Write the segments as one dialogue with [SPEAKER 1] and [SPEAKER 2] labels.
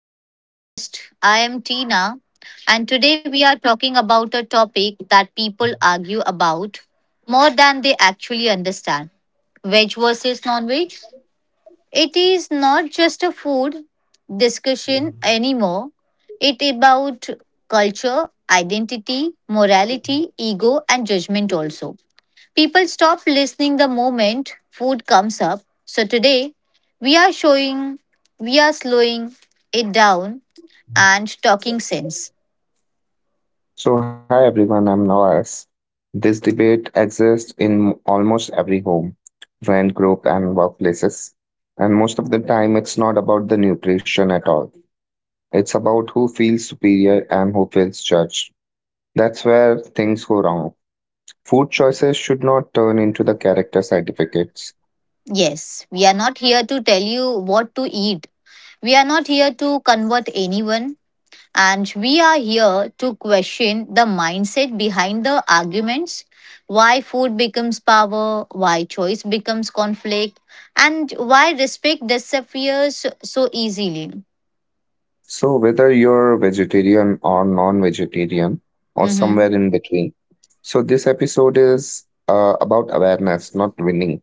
[SPEAKER 1] to our podcast. I am Tina, and today we are talking about a topic that people argue about more than they actually understand: veg versus non veg. It is not just a food discussion anymore, it about culture, identity, morality, ego, and judgment also. People stop listening the moment food comes up. So today we are showing we are slowing it down and talking sense.
[SPEAKER 2] So, hi everyone, I'm Nawaz. This debate exists in almost every home, friend group, and workplaces. And most of the time, it's not about the nutrition at all. It's about who feels superior and who feels judged. That's where things go wrong. Food choices should not turn into the character certificates.
[SPEAKER 1] Yes, we are not here to tell you what to eat. We are not here to convert anyone and we are here to question the mindset behind the arguments, why food becomes power, why choice becomes conflict and why respect disappears so easily.
[SPEAKER 2] So, whether you're vegetarian or non vegetarian, or
[SPEAKER 1] Mhm.
[SPEAKER 2] somewhere in between, so this episode is about awareness, not winning.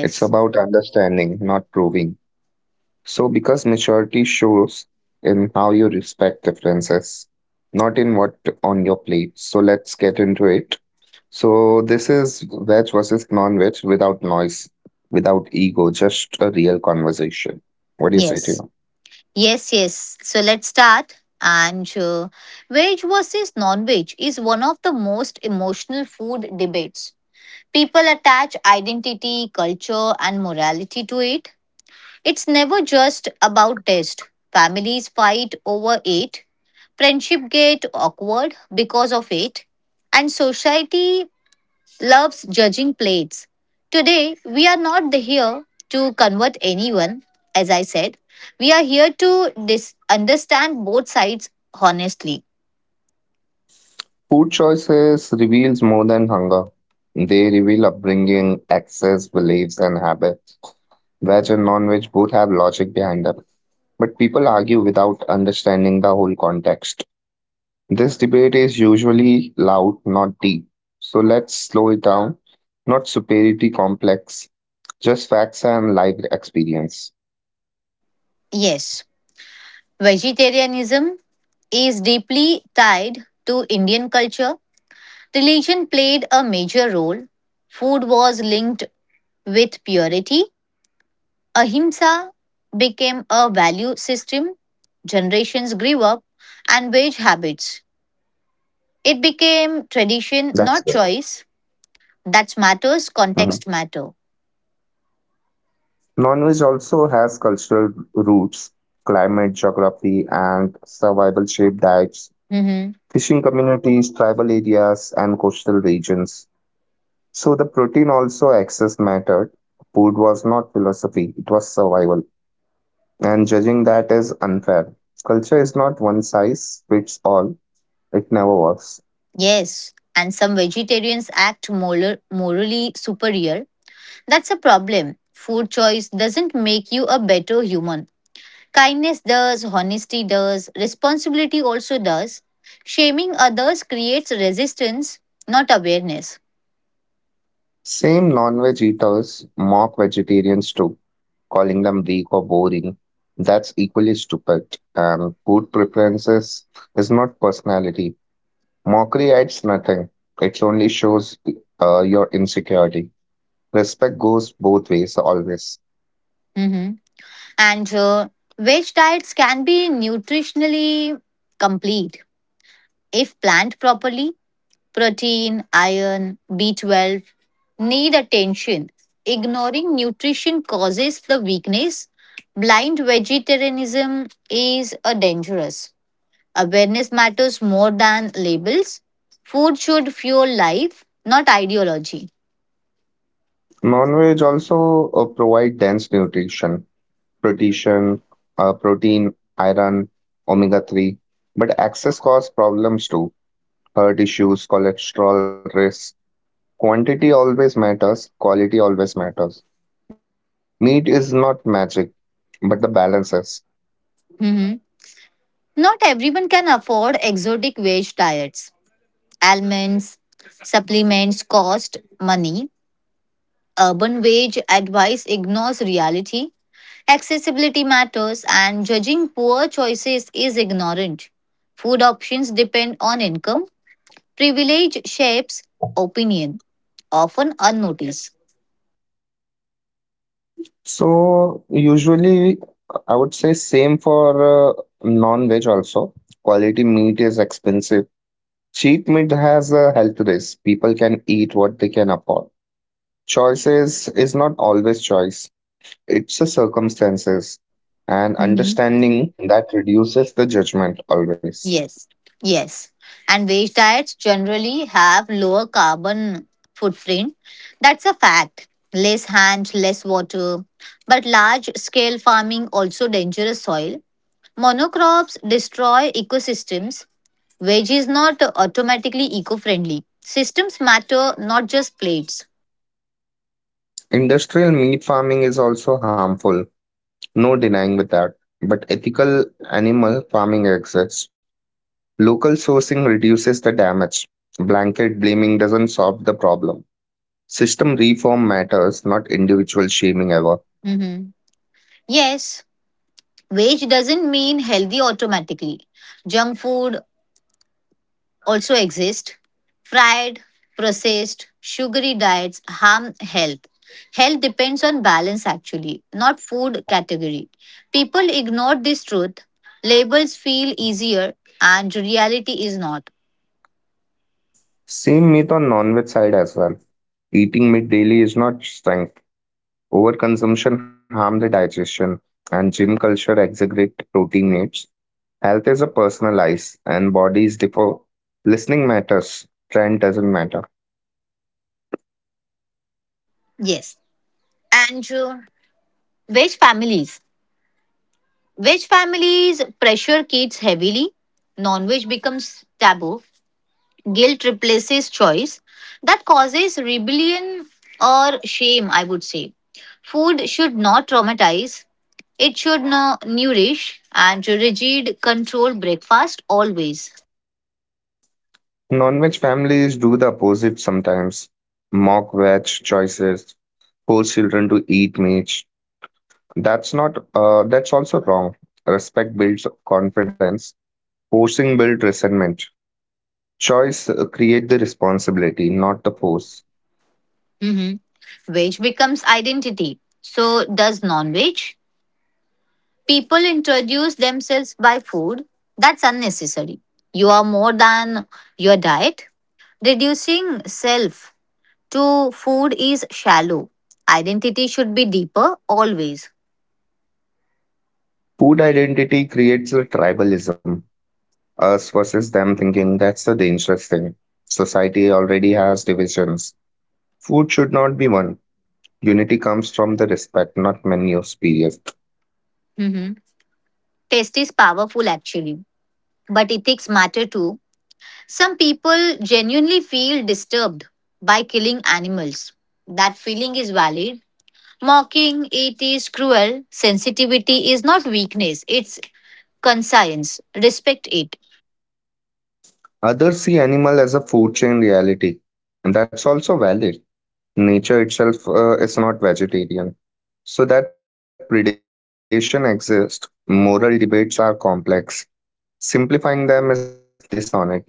[SPEAKER 2] It's about understanding, not proving. So, because maturity shows in how you respect differences, not in what on your plate. So, let's get into it. So, this is veg versus non veg without noise, without ego, just a real conversation. What do you say to
[SPEAKER 1] Yes,
[SPEAKER 2] you?
[SPEAKER 1] yes, yes. So let's start. And veg versus non veg is one of the most emotional food debates. People attach identity, culture, and morality to it. It's never just about taste. Families fight over it, friendship get awkward because of it, and society loves judging plates. Today, we are not here to convert anyone, as I said. We are here to understand both sides honestly.
[SPEAKER 2] Food choices reveals more than hunger. They reveal upbringing, access, beliefs, and habits. Veg and non-veg both have logic behind them, but people argue without understanding the whole context. This debate is usually loud, not deep. So let's slow it down, not superiority complex, just facts and life experience.
[SPEAKER 1] Yes, vegetarianism is deeply tied to Indian culture. Religion played a major role. Food was linked with purity. Ahimsa became a value system. Generations grew up and wage habits. It became
[SPEAKER 2] That's
[SPEAKER 1] tradition,
[SPEAKER 2] good.
[SPEAKER 1] not choice. That matters,
[SPEAKER 2] Mhm.
[SPEAKER 1] context matter.
[SPEAKER 2] Non-veg also has cultural roots, climate, geography, and survival shaped diets,
[SPEAKER 1] Hmm.
[SPEAKER 2] fishing communities, tribal areas, and coastal regions. So the protein also access mattered. Food was not philosophy, it was survival, and judging that is unfair. Culture is not one size fits all, it never works.
[SPEAKER 1] Yes, and some vegetarians act morally superior. That's a problem. Food choice doesn't make you a better human. Kindness does, honesty does, responsibility also does. Shaming others creates resistance, not awareness.
[SPEAKER 2] Same non veg eaters mock vegetarians too, calling them weak or boring. That's equally stupid. And food preferences is not personality. Mockery adds nothing, it only shows your insecurity. Respect goes both ways, always.
[SPEAKER 1] Hmm. And veg diets can be nutritionally complete if planned properly: protein, iron, B12 need attention. Ignoring nutrition causes the weakness. Blind vegetarianism is a dangerous. Awareness matters more than labels. Food should fuel life, not ideology.
[SPEAKER 2] Non veg also provide dense nutrition protein, protein, iron, omega-3, but excess cause problems too. Heart issues, cholesterol risk. Quantity always matters, quality always matters. Meat is not magic, but the balance is.
[SPEAKER 1] Mhm. Not everyone can afford exotic veg diets. Almonds, supplements cost money. Urban wage advice ignores reality. Accessibility matters, and judging poor choices is ignorant. Food options depend on income, privilege shapes opinion, often unnoticed.
[SPEAKER 2] So usually I would say same for non-veg also. Quality meat is expensive. Cheap meat has a health risk. People can eat what they can afford. Choices is not always choice. It's the circumstances and
[SPEAKER 1] Mm-hmm.
[SPEAKER 2] understanding that reduces the judgment always.
[SPEAKER 1] Yes, yes. And veg diets generally have lower carbon footprint. That's a fact. Less hand, less water. But large scale farming also dangerous soil. Monocrops destroy ecosystems. Veg is not automatically eco friendly. Systems matter, not just plates.
[SPEAKER 2] Industrial meat farming is also harmful, no denying with that. But ethical animal farming exists. Local sourcing reduces the damage. Blanket blaming doesn't solve the problem. System reform matters, not individual shaming ever.
[SPEAKER 1] Mm-hmm. Yes, veg doesn't mean healthy automatically. Junk food also exists. Fried, processed, sugary diets harm health. Health depends on balance actually, not food category. People ignore this truth. Labels feel easier and reality is not.
[SPEAKER 2] Same meat on non-veg side as well. Eating meat daily is not strength. Overconsumption harm the digestion, and gym culture exaggerate protein needs. Health is a personalized, and bodies differ. Listening matters, trend doesn't matter.
[SPEAKER 1] Yes. And veg families. Veg families pressure kids heavily. Non veg becomes taboo. Guilt replaces choice. That causes rebellion or shame, I would say. Food should not traumatize, it should nourish, and rigid control breakfast always.
[SPEAKER 2] Non-veg families do the opposite sometimes. Mock veg choices, force children to eat meat. That's not. That's also wrong. Respect builds confidence. Forcing builds resentment. Choice create the responsibility, not the force.
[SPEAKER 1] Mhm. Veg becomes identity. So does non veg. People introduce themselves by food. That's unnecessary. You are more than your diet. Reducing self to food is shallow. Identity should be deeper always.
[SPEAKER 2] Food identity creates a tribalism, us versus them thinking, that's the dangerous thing. Society already has divisions. Food should not be one. Unity comes from the respect, not menus. Period.
[SPEAKER 1] Mhm. Taste is powerful actually, but ethics matter too. Some people genuinely feel disturbed by killing animals. That feeling is valid. Mocking it is cruel. Sensitivity is not weakness, it's conscience. Respect it.
[SPEAKER 2] Others see animal as a food chain reality, and that's also valid. Nature itself is not vegetarian. So that predation exists. Moral debates are complex. Simplifying them is dishonest.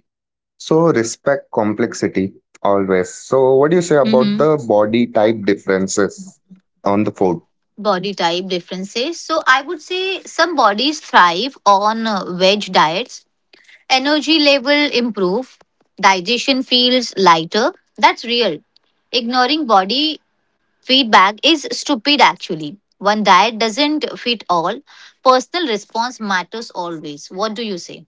[SPEAKER 2] So respect complexity always. So what do you say about
[SPEAKER 1] Hmm.
[SPEAKER 2] the body type differences on the food?
[SPEAKER 1] Body type differences. So I would say some bodies thrive on veg diets. Energy level improve. Digestion feels lighter. That's real. Ignoring body feedback is stupid actually. One diet doesn't fit all. Personal response matters always. What do you say?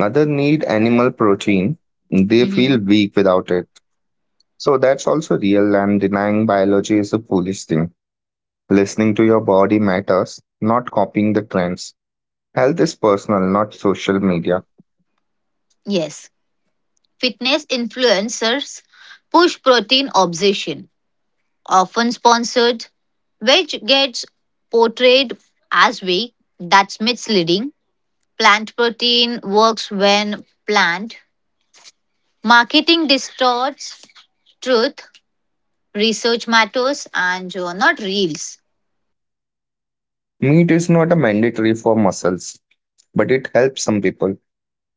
[SPEAKER 2] Other need animal protein. They
[SPEAKER 1] Hmm.
[SPEAKER 2] feel weak without it. So that's also real, and denying biology is a foolish thing. Listening to your body matters, not copying the trends. Health is personal, not social media.
[SPEAKER 1] Yes. Fitness influencers push protein obsession, often sponsored, which gets portrayed as weak. That's misleading. Plant protein works when planned. Marketing distorts truth. Research matters and not reels.
[SPEAKER 2] Meat is not a mandatory for muscles, but it helps some people.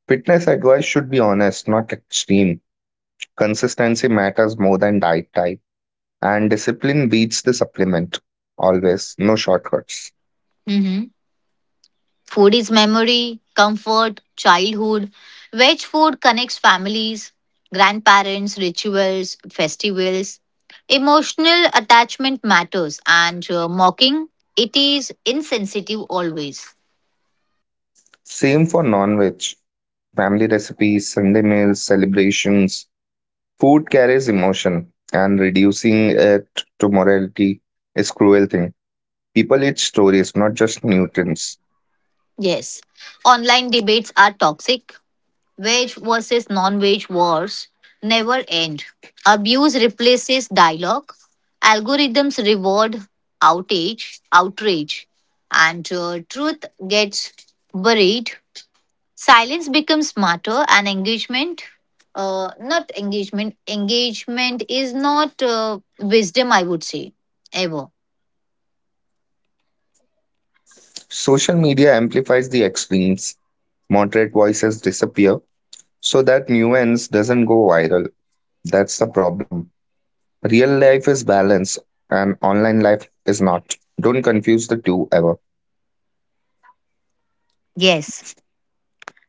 [SPEAKER 2] Fitness advice should be honest, not extreme. Consistency matters more than diet type, and discipline beats the supplement always, no shortcuts.
[SPEAKER 1] Mhm. Food is memory, comfort, childhood. Veg food connects families, grandparents, rituals, festivals. Emotional attachment matters, and mocking it is insensitive always.
[SPEAKER 2] Same for non-veg, family recipes, sunday meals, celebrations, food carries emotion, and reducing it to morality is cruel thing. People eat stories, not just nutrients.
[SPEAKER 1] Yes, online debates are toxic. Wage versus non wage wars never end. Abuse replaces dialogue. Algorithms reward outrage, and truth gets buried. Silence becomes smarter, and engagement, not engagement, engagement is not wisdom, I would say, ever.
[SPEAKER 2] Social media amplifies the extremes, moderate voices disappear, so that nuance doesn't go viral. That's the problem. Real life is balance and online life is not. Don't confuse the two ever.
[SPEAKER 1] Yes.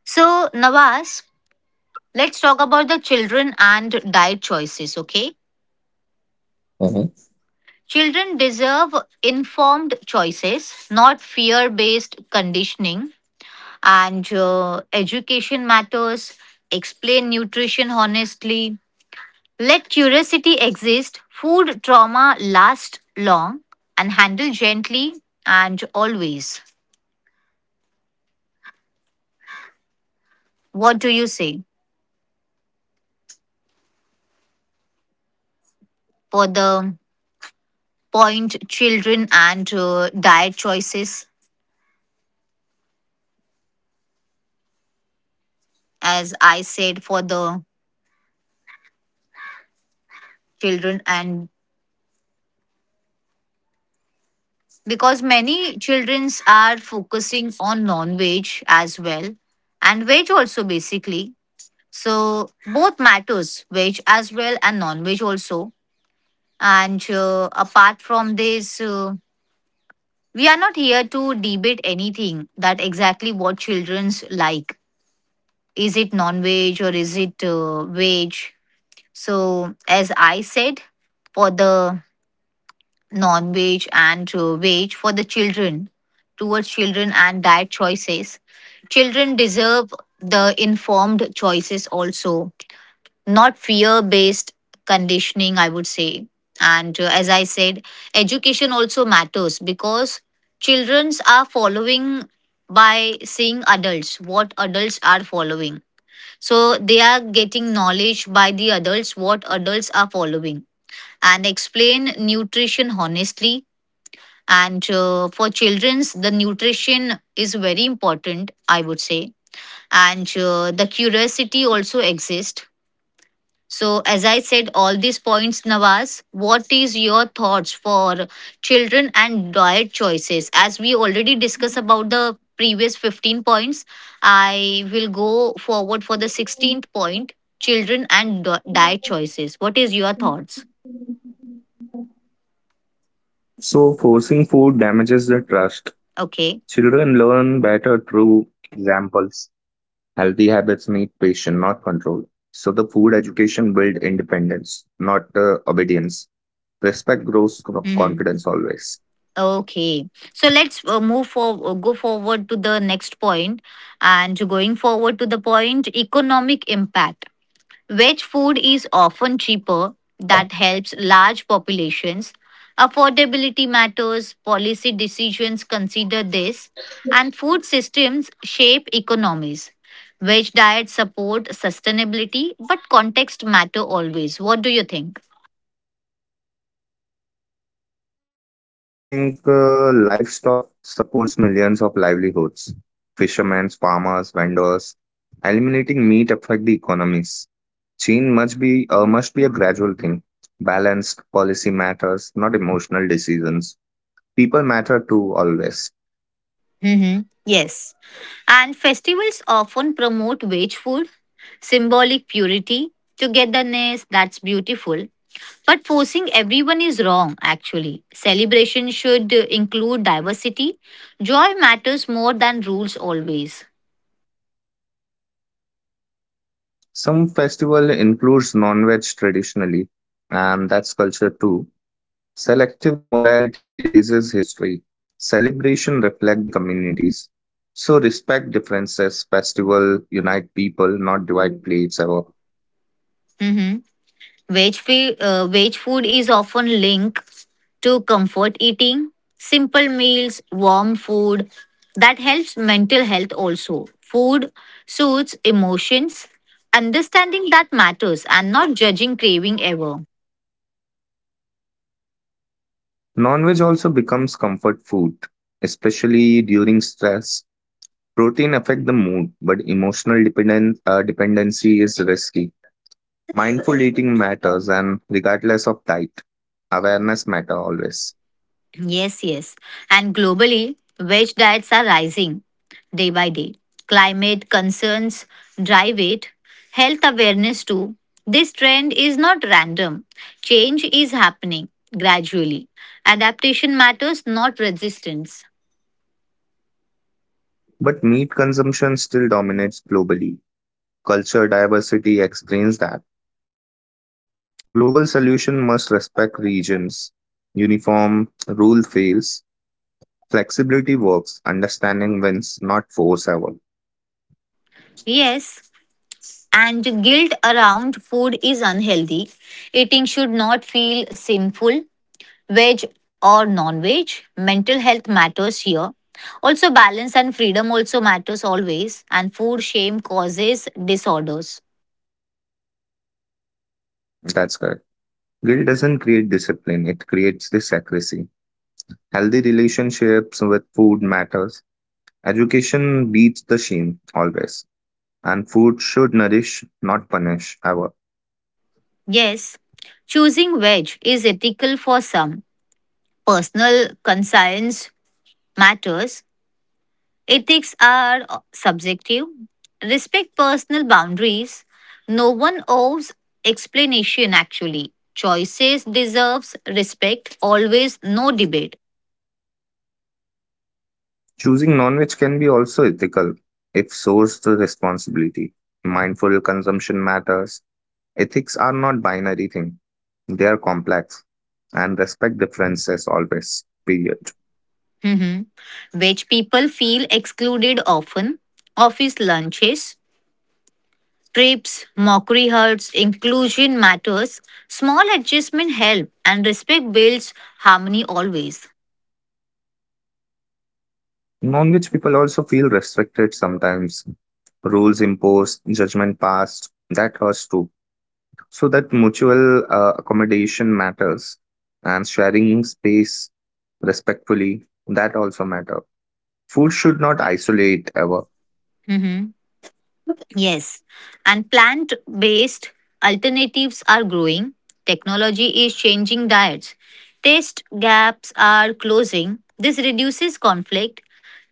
[SPEAKER 1] So, Nawaz, let's talk about the children and diet choices, okay?
[SPEAKER 2] Mm-hmm.
[SPEAKER 1] Children deserve informed choices, not fear based conditioning. And education matters. Explain nutrition
[SPEAKER 2] Mm-hmm.
[SPEAKER 1] honestly. Let curiosity exist. Food trauma lasts long and handle gently and always.
[SPEAKER 2] Rina, can you hear me?
[SPEAKER 1] What do you say for the point children and
[SPEAKER 2] Hello.
[SPEAKER 1] diet choices? As I said, for the children and because many childrens are focusing on non-veg as well and veg also basically, so both matters, veg as well and non-veg also. And
[SPEAKER 2] Hello.
[SPEAKER 1] apart from this we are not
[SPEAKER 2] Can you hear
[SPEAKER 1] here
[SPEAKER 2] me?
[SPEAKER 1] to debate anything, that exactly what childrens like, is it non-veg or is it veg. So as I said, for the non-veg and veg for the children, towards children and diet choices, children deserve the informed choices also, not fear based conditioning, I would say. And as I said, education also matters because childrens are following by seeing adults, what adults are following, so they are getting knowledge by the adults what adults are following. And explain nutrition honestly, and for children's the nutrition is very important, I would say. And the curiosity also exists. So as I said, all these points, Nawaz, what is your thoughts for children and diet choices? As we already discussed about the previous 15 points, I will go forward for the 16th point, children and diet choices. What is your thoughts?
[SPEAKER 2] So, forcing food damages the trust. Children
[SPEAKER 1] Okay.
[SPEAKER 2] learn better through examples. Healthy habits need patience, not control. So, the food education build independence, not obedience. Respect grows co-
[SPEAKER 1] Mm-hmm.
[SPEAKER 2] confidence always.
[SPEAKER 1] Okay, so let's move for go forward to the next point, and going forward to the point: economic impact. Veg food is often cheaper. That helps large populations. Affordability matters. Policy decisions consider this, and food systems shape economies. Veg diets support sustainability, but context matter always. What do you think?
[SPEAKER 2] So, I would think livestock supports millions of livelihoods. Fishermen, farmers, vendors. Eliminating meat affect the economies. Change must be must be a gradual thing. Balanced policy matters, not emotional decisions. People matter too always.
[SPEAKER 1] Hmm. Yes. And festivals often promote wage food, symbolic purity, togetherness, that's beautiful. But forcing everyone is wrong, actually. Celebration should include diversity. Joy matters more than rules always.
[SPEAKER 2] Some festival includes non-veg traditionally, and that's culture too. Selective morality erases history. Celebration reflect the communities. So respect differences. Festival unite people, not divide plates ever.
[SPEAKER 1] Veg food is often linked to comfort eating, simple meals, warm food. That helps mental health also. Food suits emotions. Understanding that matters and not judging craving ever.
[SPEAKER 2] Non-veg also becomes comfort food, especially during stress. Protein affect the mood, but emotional dependence dependency is risky. Mindful eating matters, and regardless of diet, awareness matter always.
[SPEAKER 1] Yes, yes. And globally, veg diets are rising day by day. Climate concerns drive it, health awareness too. This trend is not random. Change is happening gradually. Adaptation matters, not resistance.
[SPEAKER 2] But meat consumption still dominates globally. Culture diversity explains that. Global solution must respect regions. Uniform rule fails. Flexibility works. Understanding wins, not force ever.
[SPEAKER 1] Yes, and guilt around food is unhealthy. Eating should not feel sinful. Veg or non-veg, mental health matters here also, balance and freedom also matters always, and food shame causes disorders.
[SPEAKER 2] That's correct. Guilt doesn't create discipline; it creates this accuracy. Healthy relationships with food matters. Education beats the shame always. And food should nourish, not punish, ever.
[SPEAKER 1] Yes, choosing veg is ethical for some, personal conscience matters, ethics are subjective, respect personal boundaries, no one owes explanation actually, choices deserves respect always, no debate.
[SPEAKER 2] Choosing non-veg can be also ethical if sourced with responsibility. Mindful consumption matters. Ethics are not binary thing. They are complex and respect differences always. Period.
[SPEAKER 1] Mhm. Which people feel excluded often. Office lunches, trips, mockery hurts, inclusion matters. Small adjustment help and respect builds harmony always.
[SPEAKER 2] Non-veg people also feel restricted sometimes, rules imposed, judgment passed. That hurts too. So that mutual accommodation matters, and sharing space respectfully, that also matter. Food should not isolate ever.
[SPEAKER 1] Mhm. Yes, and plant based alternatives are growing. Technology is changing diets. Taste gaps are closing. This reduces conflict.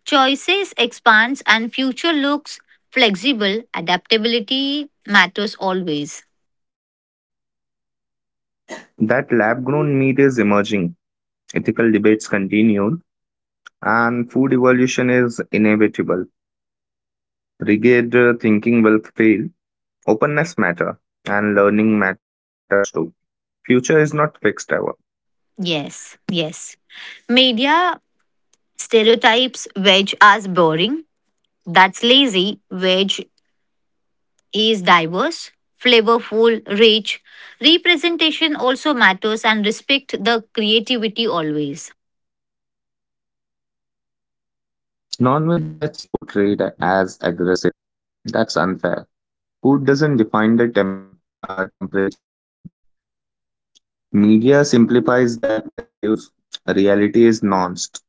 [SPEAKER 1] Choices expands and future looks flexible. Adaptability matters always.
[SPEAKER 2] That lab grown meat is emerging, ethical debates continue, and food evolution is inevitable. Rigid thinking will fail. Openness matter, and learning matters too. Future is not fixed ever.
[SPEAKER 1] Yes, yes. Media stereotypes veg as boring. That's lazy. Veg is diverse, flavorful, rich. Representation also matters and respect the creativity always.
[SPEAKER 2] Non-veg gets portrayed as aggressive. That's unfair. Food doesn't define the temperature. Media simplifies that narrative. Reality is nuanced.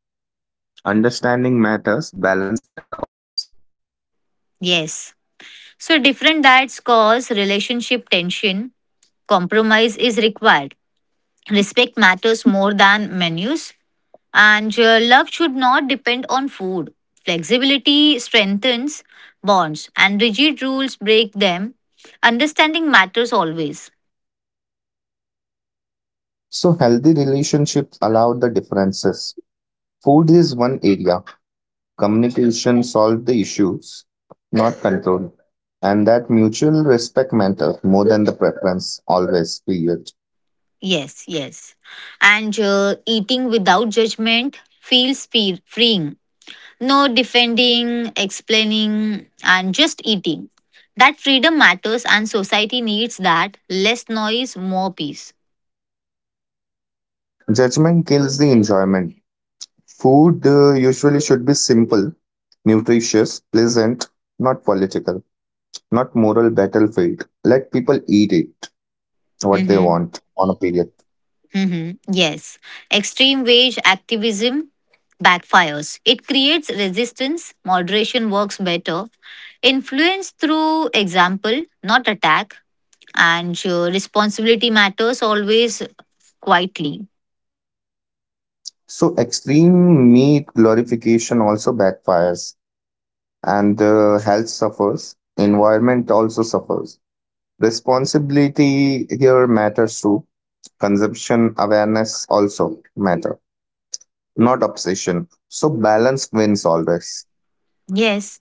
[SPEAKER 2] Understanding matters, balance matter always.
[SPEAKER 1] Yes. So different diets cause relationship tension. Compromise is required. Respect matters more than menus. And love should not depend on food. Flexibility strengthens bonds and rigid rules break them. Understanding matters always.
[SPEAKER 2] So, healthy relationships allow the differences. Food is one area, communication solves the issues, not control. And that mutual respect matters more than the preference, always, period.
[SPEAKER 1] Yes, yes. And eating without judgment feels freeing. No defending, explaining, and just eating. That freedom matters, and society needs that. Less noise, more peace.
[SPEAKER 2] Judgment kills the enjoyment. Food usually should be simple, nutritious, pleasant, not moral battlefield. Let people eat it what they
[SPEAKER 1] Mm-hmm.
[SPEAKER 2] want on a period.
[SPEAKER 1] Mm-hmm. Yes. Extreme wage activism backfires. It creates resistance. Moderation works better. Influence through example, not attack. And responsibility matters always quietly.
[SPEAKER 2] So extreme meat glorification also backfires and the health suffers, environment also suffers. Responsibility here matters too. Consumption awareness also matter, not obsession. So balance wins always.
[SPEAKER 1] Yes,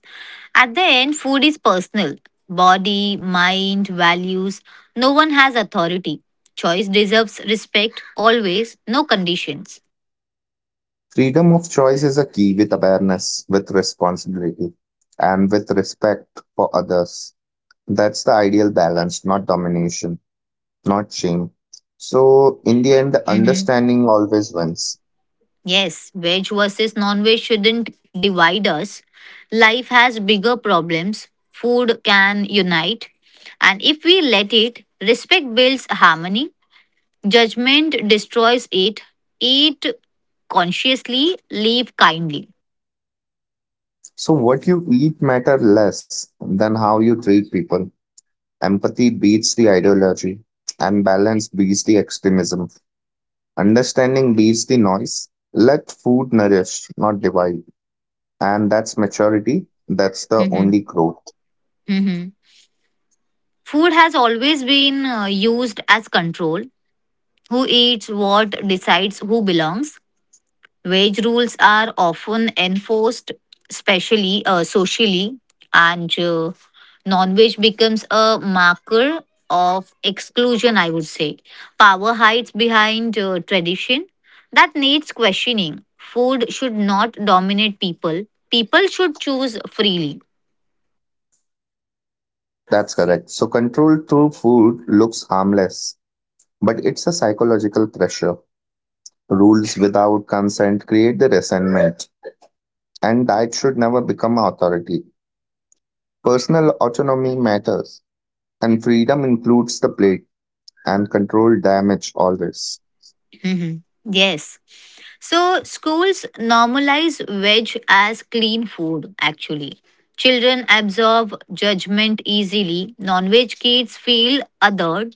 [SPEAKER 1] at the end, food is personal: body, mind, values. No one has authority. Choice deserves respect always, no conditions.
[SPEAKER 2] Freedom of choice is a key with awareness, with responsibility, and with respect for others. That's the ideal balance, not domination, not shame. So, in the end, the
[SPEAKER 1] Hmm.
[SPEAKER 2] understanding always wins.
[SPEAKER 1] Yes, veg versus non veg shouldn't divide us. Life has bigger problems. Food can unite. And if we let it, respect builds harmony. Judgment destroys it. Eat consciously, live kindly.
[SPEAKER 2] So, what you eat matter less than how you treat people. Empathy beats the ideology, and balance beats the extremism. Understanding beats the noise. Let food nourish, not divide. And that's maturity. That's the
[SPEAKER 1] Mm-hmm.
[SPEAKER 2] only growth.
[SPEAKER 1] Mm-hmm. Food has always been used as control. Who eats what decides who belongs. Wage rules are often enforced, especially socially, and non-wage becomes a marker of exclusion. I would say power hides behind tradition that needs questioning. Food should not dominate people. People should choose freely.
[SPEAKER 2] That's correct. So, control through food looks harmless, but it's a psychological pressure. Rules without consent create the resentment, and that should never become authority. Personal autonomy matters, and freedom includes the plate, and control damage always.
[SPEAKER 1] Hmm. Yes. So schools normalize veg as clean food, actually. Children absorb judgment easily. Non veg kids feel othered,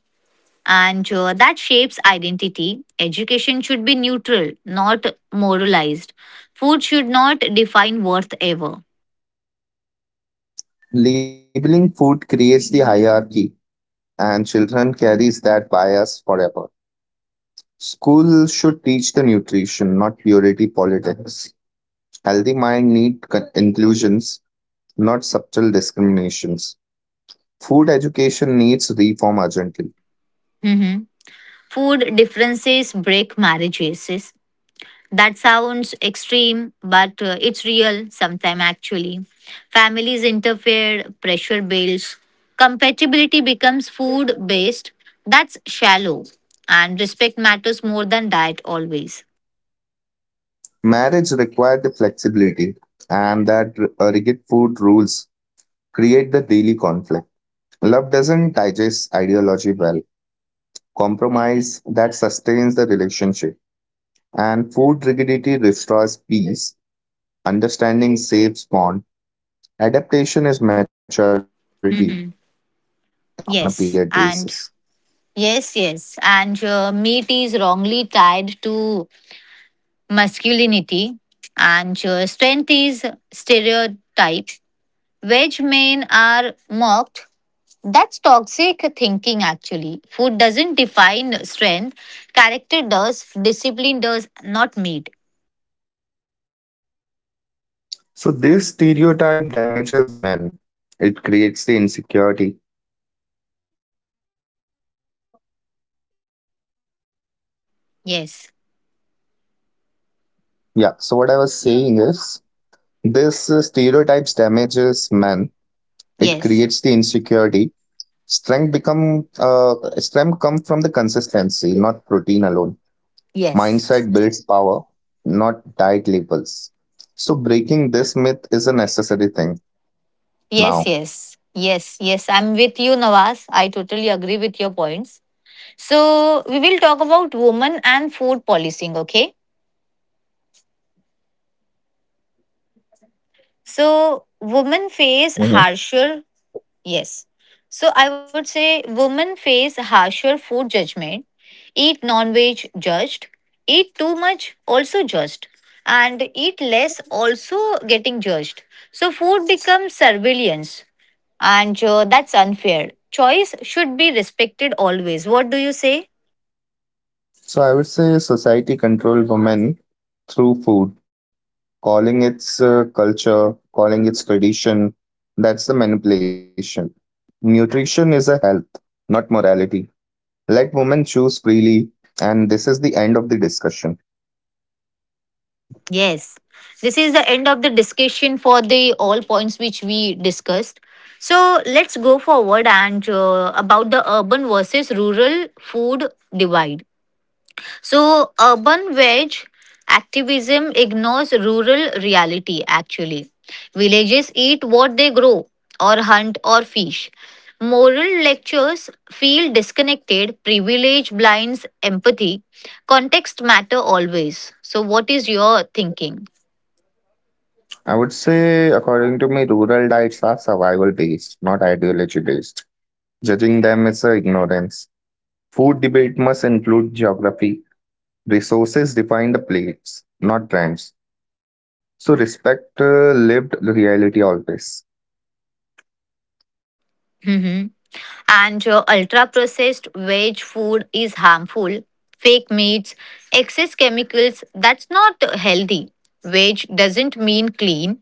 [SPEAKER 1] and that shapes identity. Education should be neutral, not moralized. Food should not define worth ever.
[SPEAKER 2] Labeling food creates the hierarchy, and children carries that bias forever. School should teach the nutrition, not purity politics. Healthy mind need con- inclusions, not subtle discriminations. Food education needs reform urgently.
[SPEAKER 1] Hmm. Food differences break marriages. That sounds extreme, but it's real sometime actually. Families interfere, pressure builds, compatibility becomes food based. That's shallow, and respect matters more than diet always.
[SPEAKER 2] Marriage required the flexibility, and that rigid food rules create the daily conflict. Love doesn't digest ideology well. Compromise that sustains the relationship, and food rigidity restores peace. Understanding saves bond. Adaptation is maturity on a period basis.
[SPEAKER 1] Yes, and yes, yes, and meat is wrongly tied to masculinity, and strength is stereotype. Veg men are mocked. That's toxic thinking, actually. Food doesn't define strength, character does, discipline does, not need.
[SPEAKER 2] So this stereotype damages men. It creates the insecurity.
[SPEAKER 1] Yes,
[SPEAKER 2] Yeah. So what I was saying is this stereotypes damages men, it creates the
[SPEAKER 1] yes,
[SPEAKER 2] insecurity, strength become strength come from the consistency, not protein alone.
[SPEAKER 1] yes,
[SPEAKER 2] Mindset builds power, not diet labels, so breaking this myth is a necessary thing
[SPEAKER 1] yes,
[SPEAKER 2] now.
[SPEAKER 1] yes, yes, yes. I'm with you, Nawaz. I totally agree with your points. So, we will talk about women and food policing, okay? So, women face
[SPEAKER 2] Mhm.
[SPEAKER 1] harsher. Yes. So I would say women face harsher food judgment, eat non veg judged, eat too much also judged, and eat less also getting judged. So food becomes surveillance, and that's unfair. Choice should be respected always. What do you say?
[SPEAKER 2] So I would say society control women through food, calling its culture, calling its tradition. That's the manipulation. Nutrition is a health, not morality. Let women choose freely, and this is the end of the discussion.
[SPEAKER 1] Yes, this is the end of the discussion for the all points which we discussed. So let's go forward and about the urban versus rural food divide. So urban veg activism ignores rural reality actually. Villages eat what they grow or hunt or fish. Moral lectures feel disconnected, privilege blinds empathy. Context matter always. So what is your thinking?
[SPEAKER 2] I would say, according to me, rural diets are survival based, not ideology based. Judging them is a ignorance. Food debate must include geography. Resources define the plates, not trends. So respect lived reality always.
[SPEAKER 1] Mhm. And ultra processed veg food is harmful. Fake meats, excess chemicals, that's not healthy. Veg doesn't mean clean.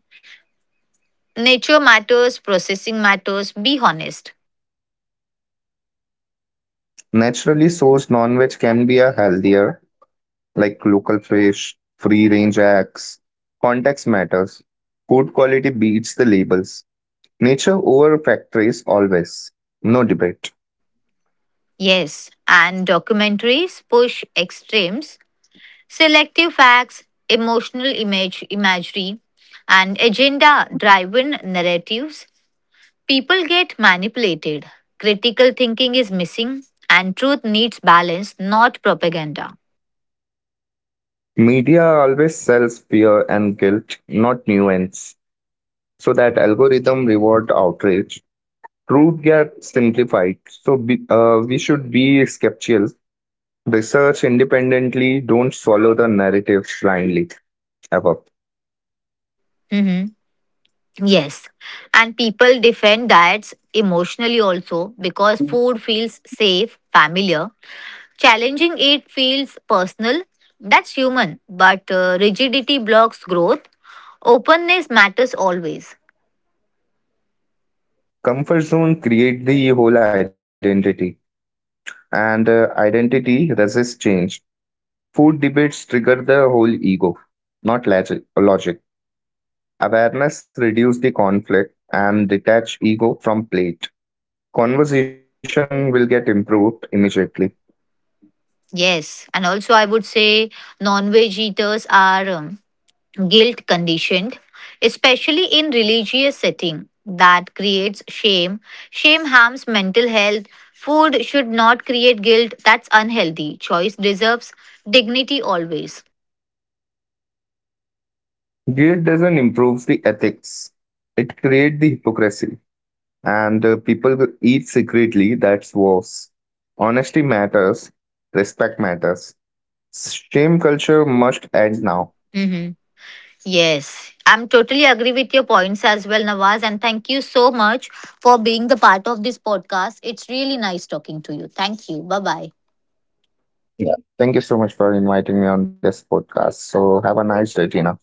[SPEAKER 1] Nature matters, processing matters, be honest.
[SPEAKER 2] Naturally sourced non-veg can be a healthier, like local fish, free-range eggs. Context. Food quality beats the labels. Nature over factories always. No debate.
[SPEAKER 1] Yes, and documentaries push extremes, selective facts, emotional imagery, and agenda driven narratives. People get manipulated. Critical thinking is missing, and truth needs balance, not propaganda.
[SPEAKER 2] Media always sells fear and guilt, not nuance. So that algorithm reward outrage. Truth gets simplified. So we should be skeptical. Research independently. Don't swallow the narrative blindly. Ever.
[SPEAKER 1] Mhm. Yes. And people defend diets emotionally also because food feels safe, familiar. Challenging it feels personal. That's human. But rigidity blocks growth. Openness matters always.
[SPEAKER 2] Comfort zone create the whole identity, and identity resists change. Food debates trigger the whole ego, not logic. Logic. Awareness reduce the conflict and detach ego from plate. Conversation will get improved immediately.
[SPEAKER 1] Yes. And also, I would say non veg eaters are, guilt conditioned, especially in religious setting that creates shame. Shame harms mental health. Food should not create guilt. That's unhealthy. Choice deserves dignity always.
[SPEAKER 2] Guilt doesn't improve the ethics. It creates the hypocrisy, and people will eat secretly. That's worse. Honesty matters. Respect matters. Shame culture must end now.
[SPEAKER 1] Hmm. Yes, I'm totally agree with your points as well, Nawaz. And thank you so much for being the part of this podcast. It's really nice talking to you. Thank you. Bye bye.
[SPEAKER 2] Yeah. Thank you so much for inviting me on this podcast. So have a nice day, Tina.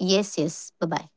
[SPEAKER 1] Yes, yes. Bye bye.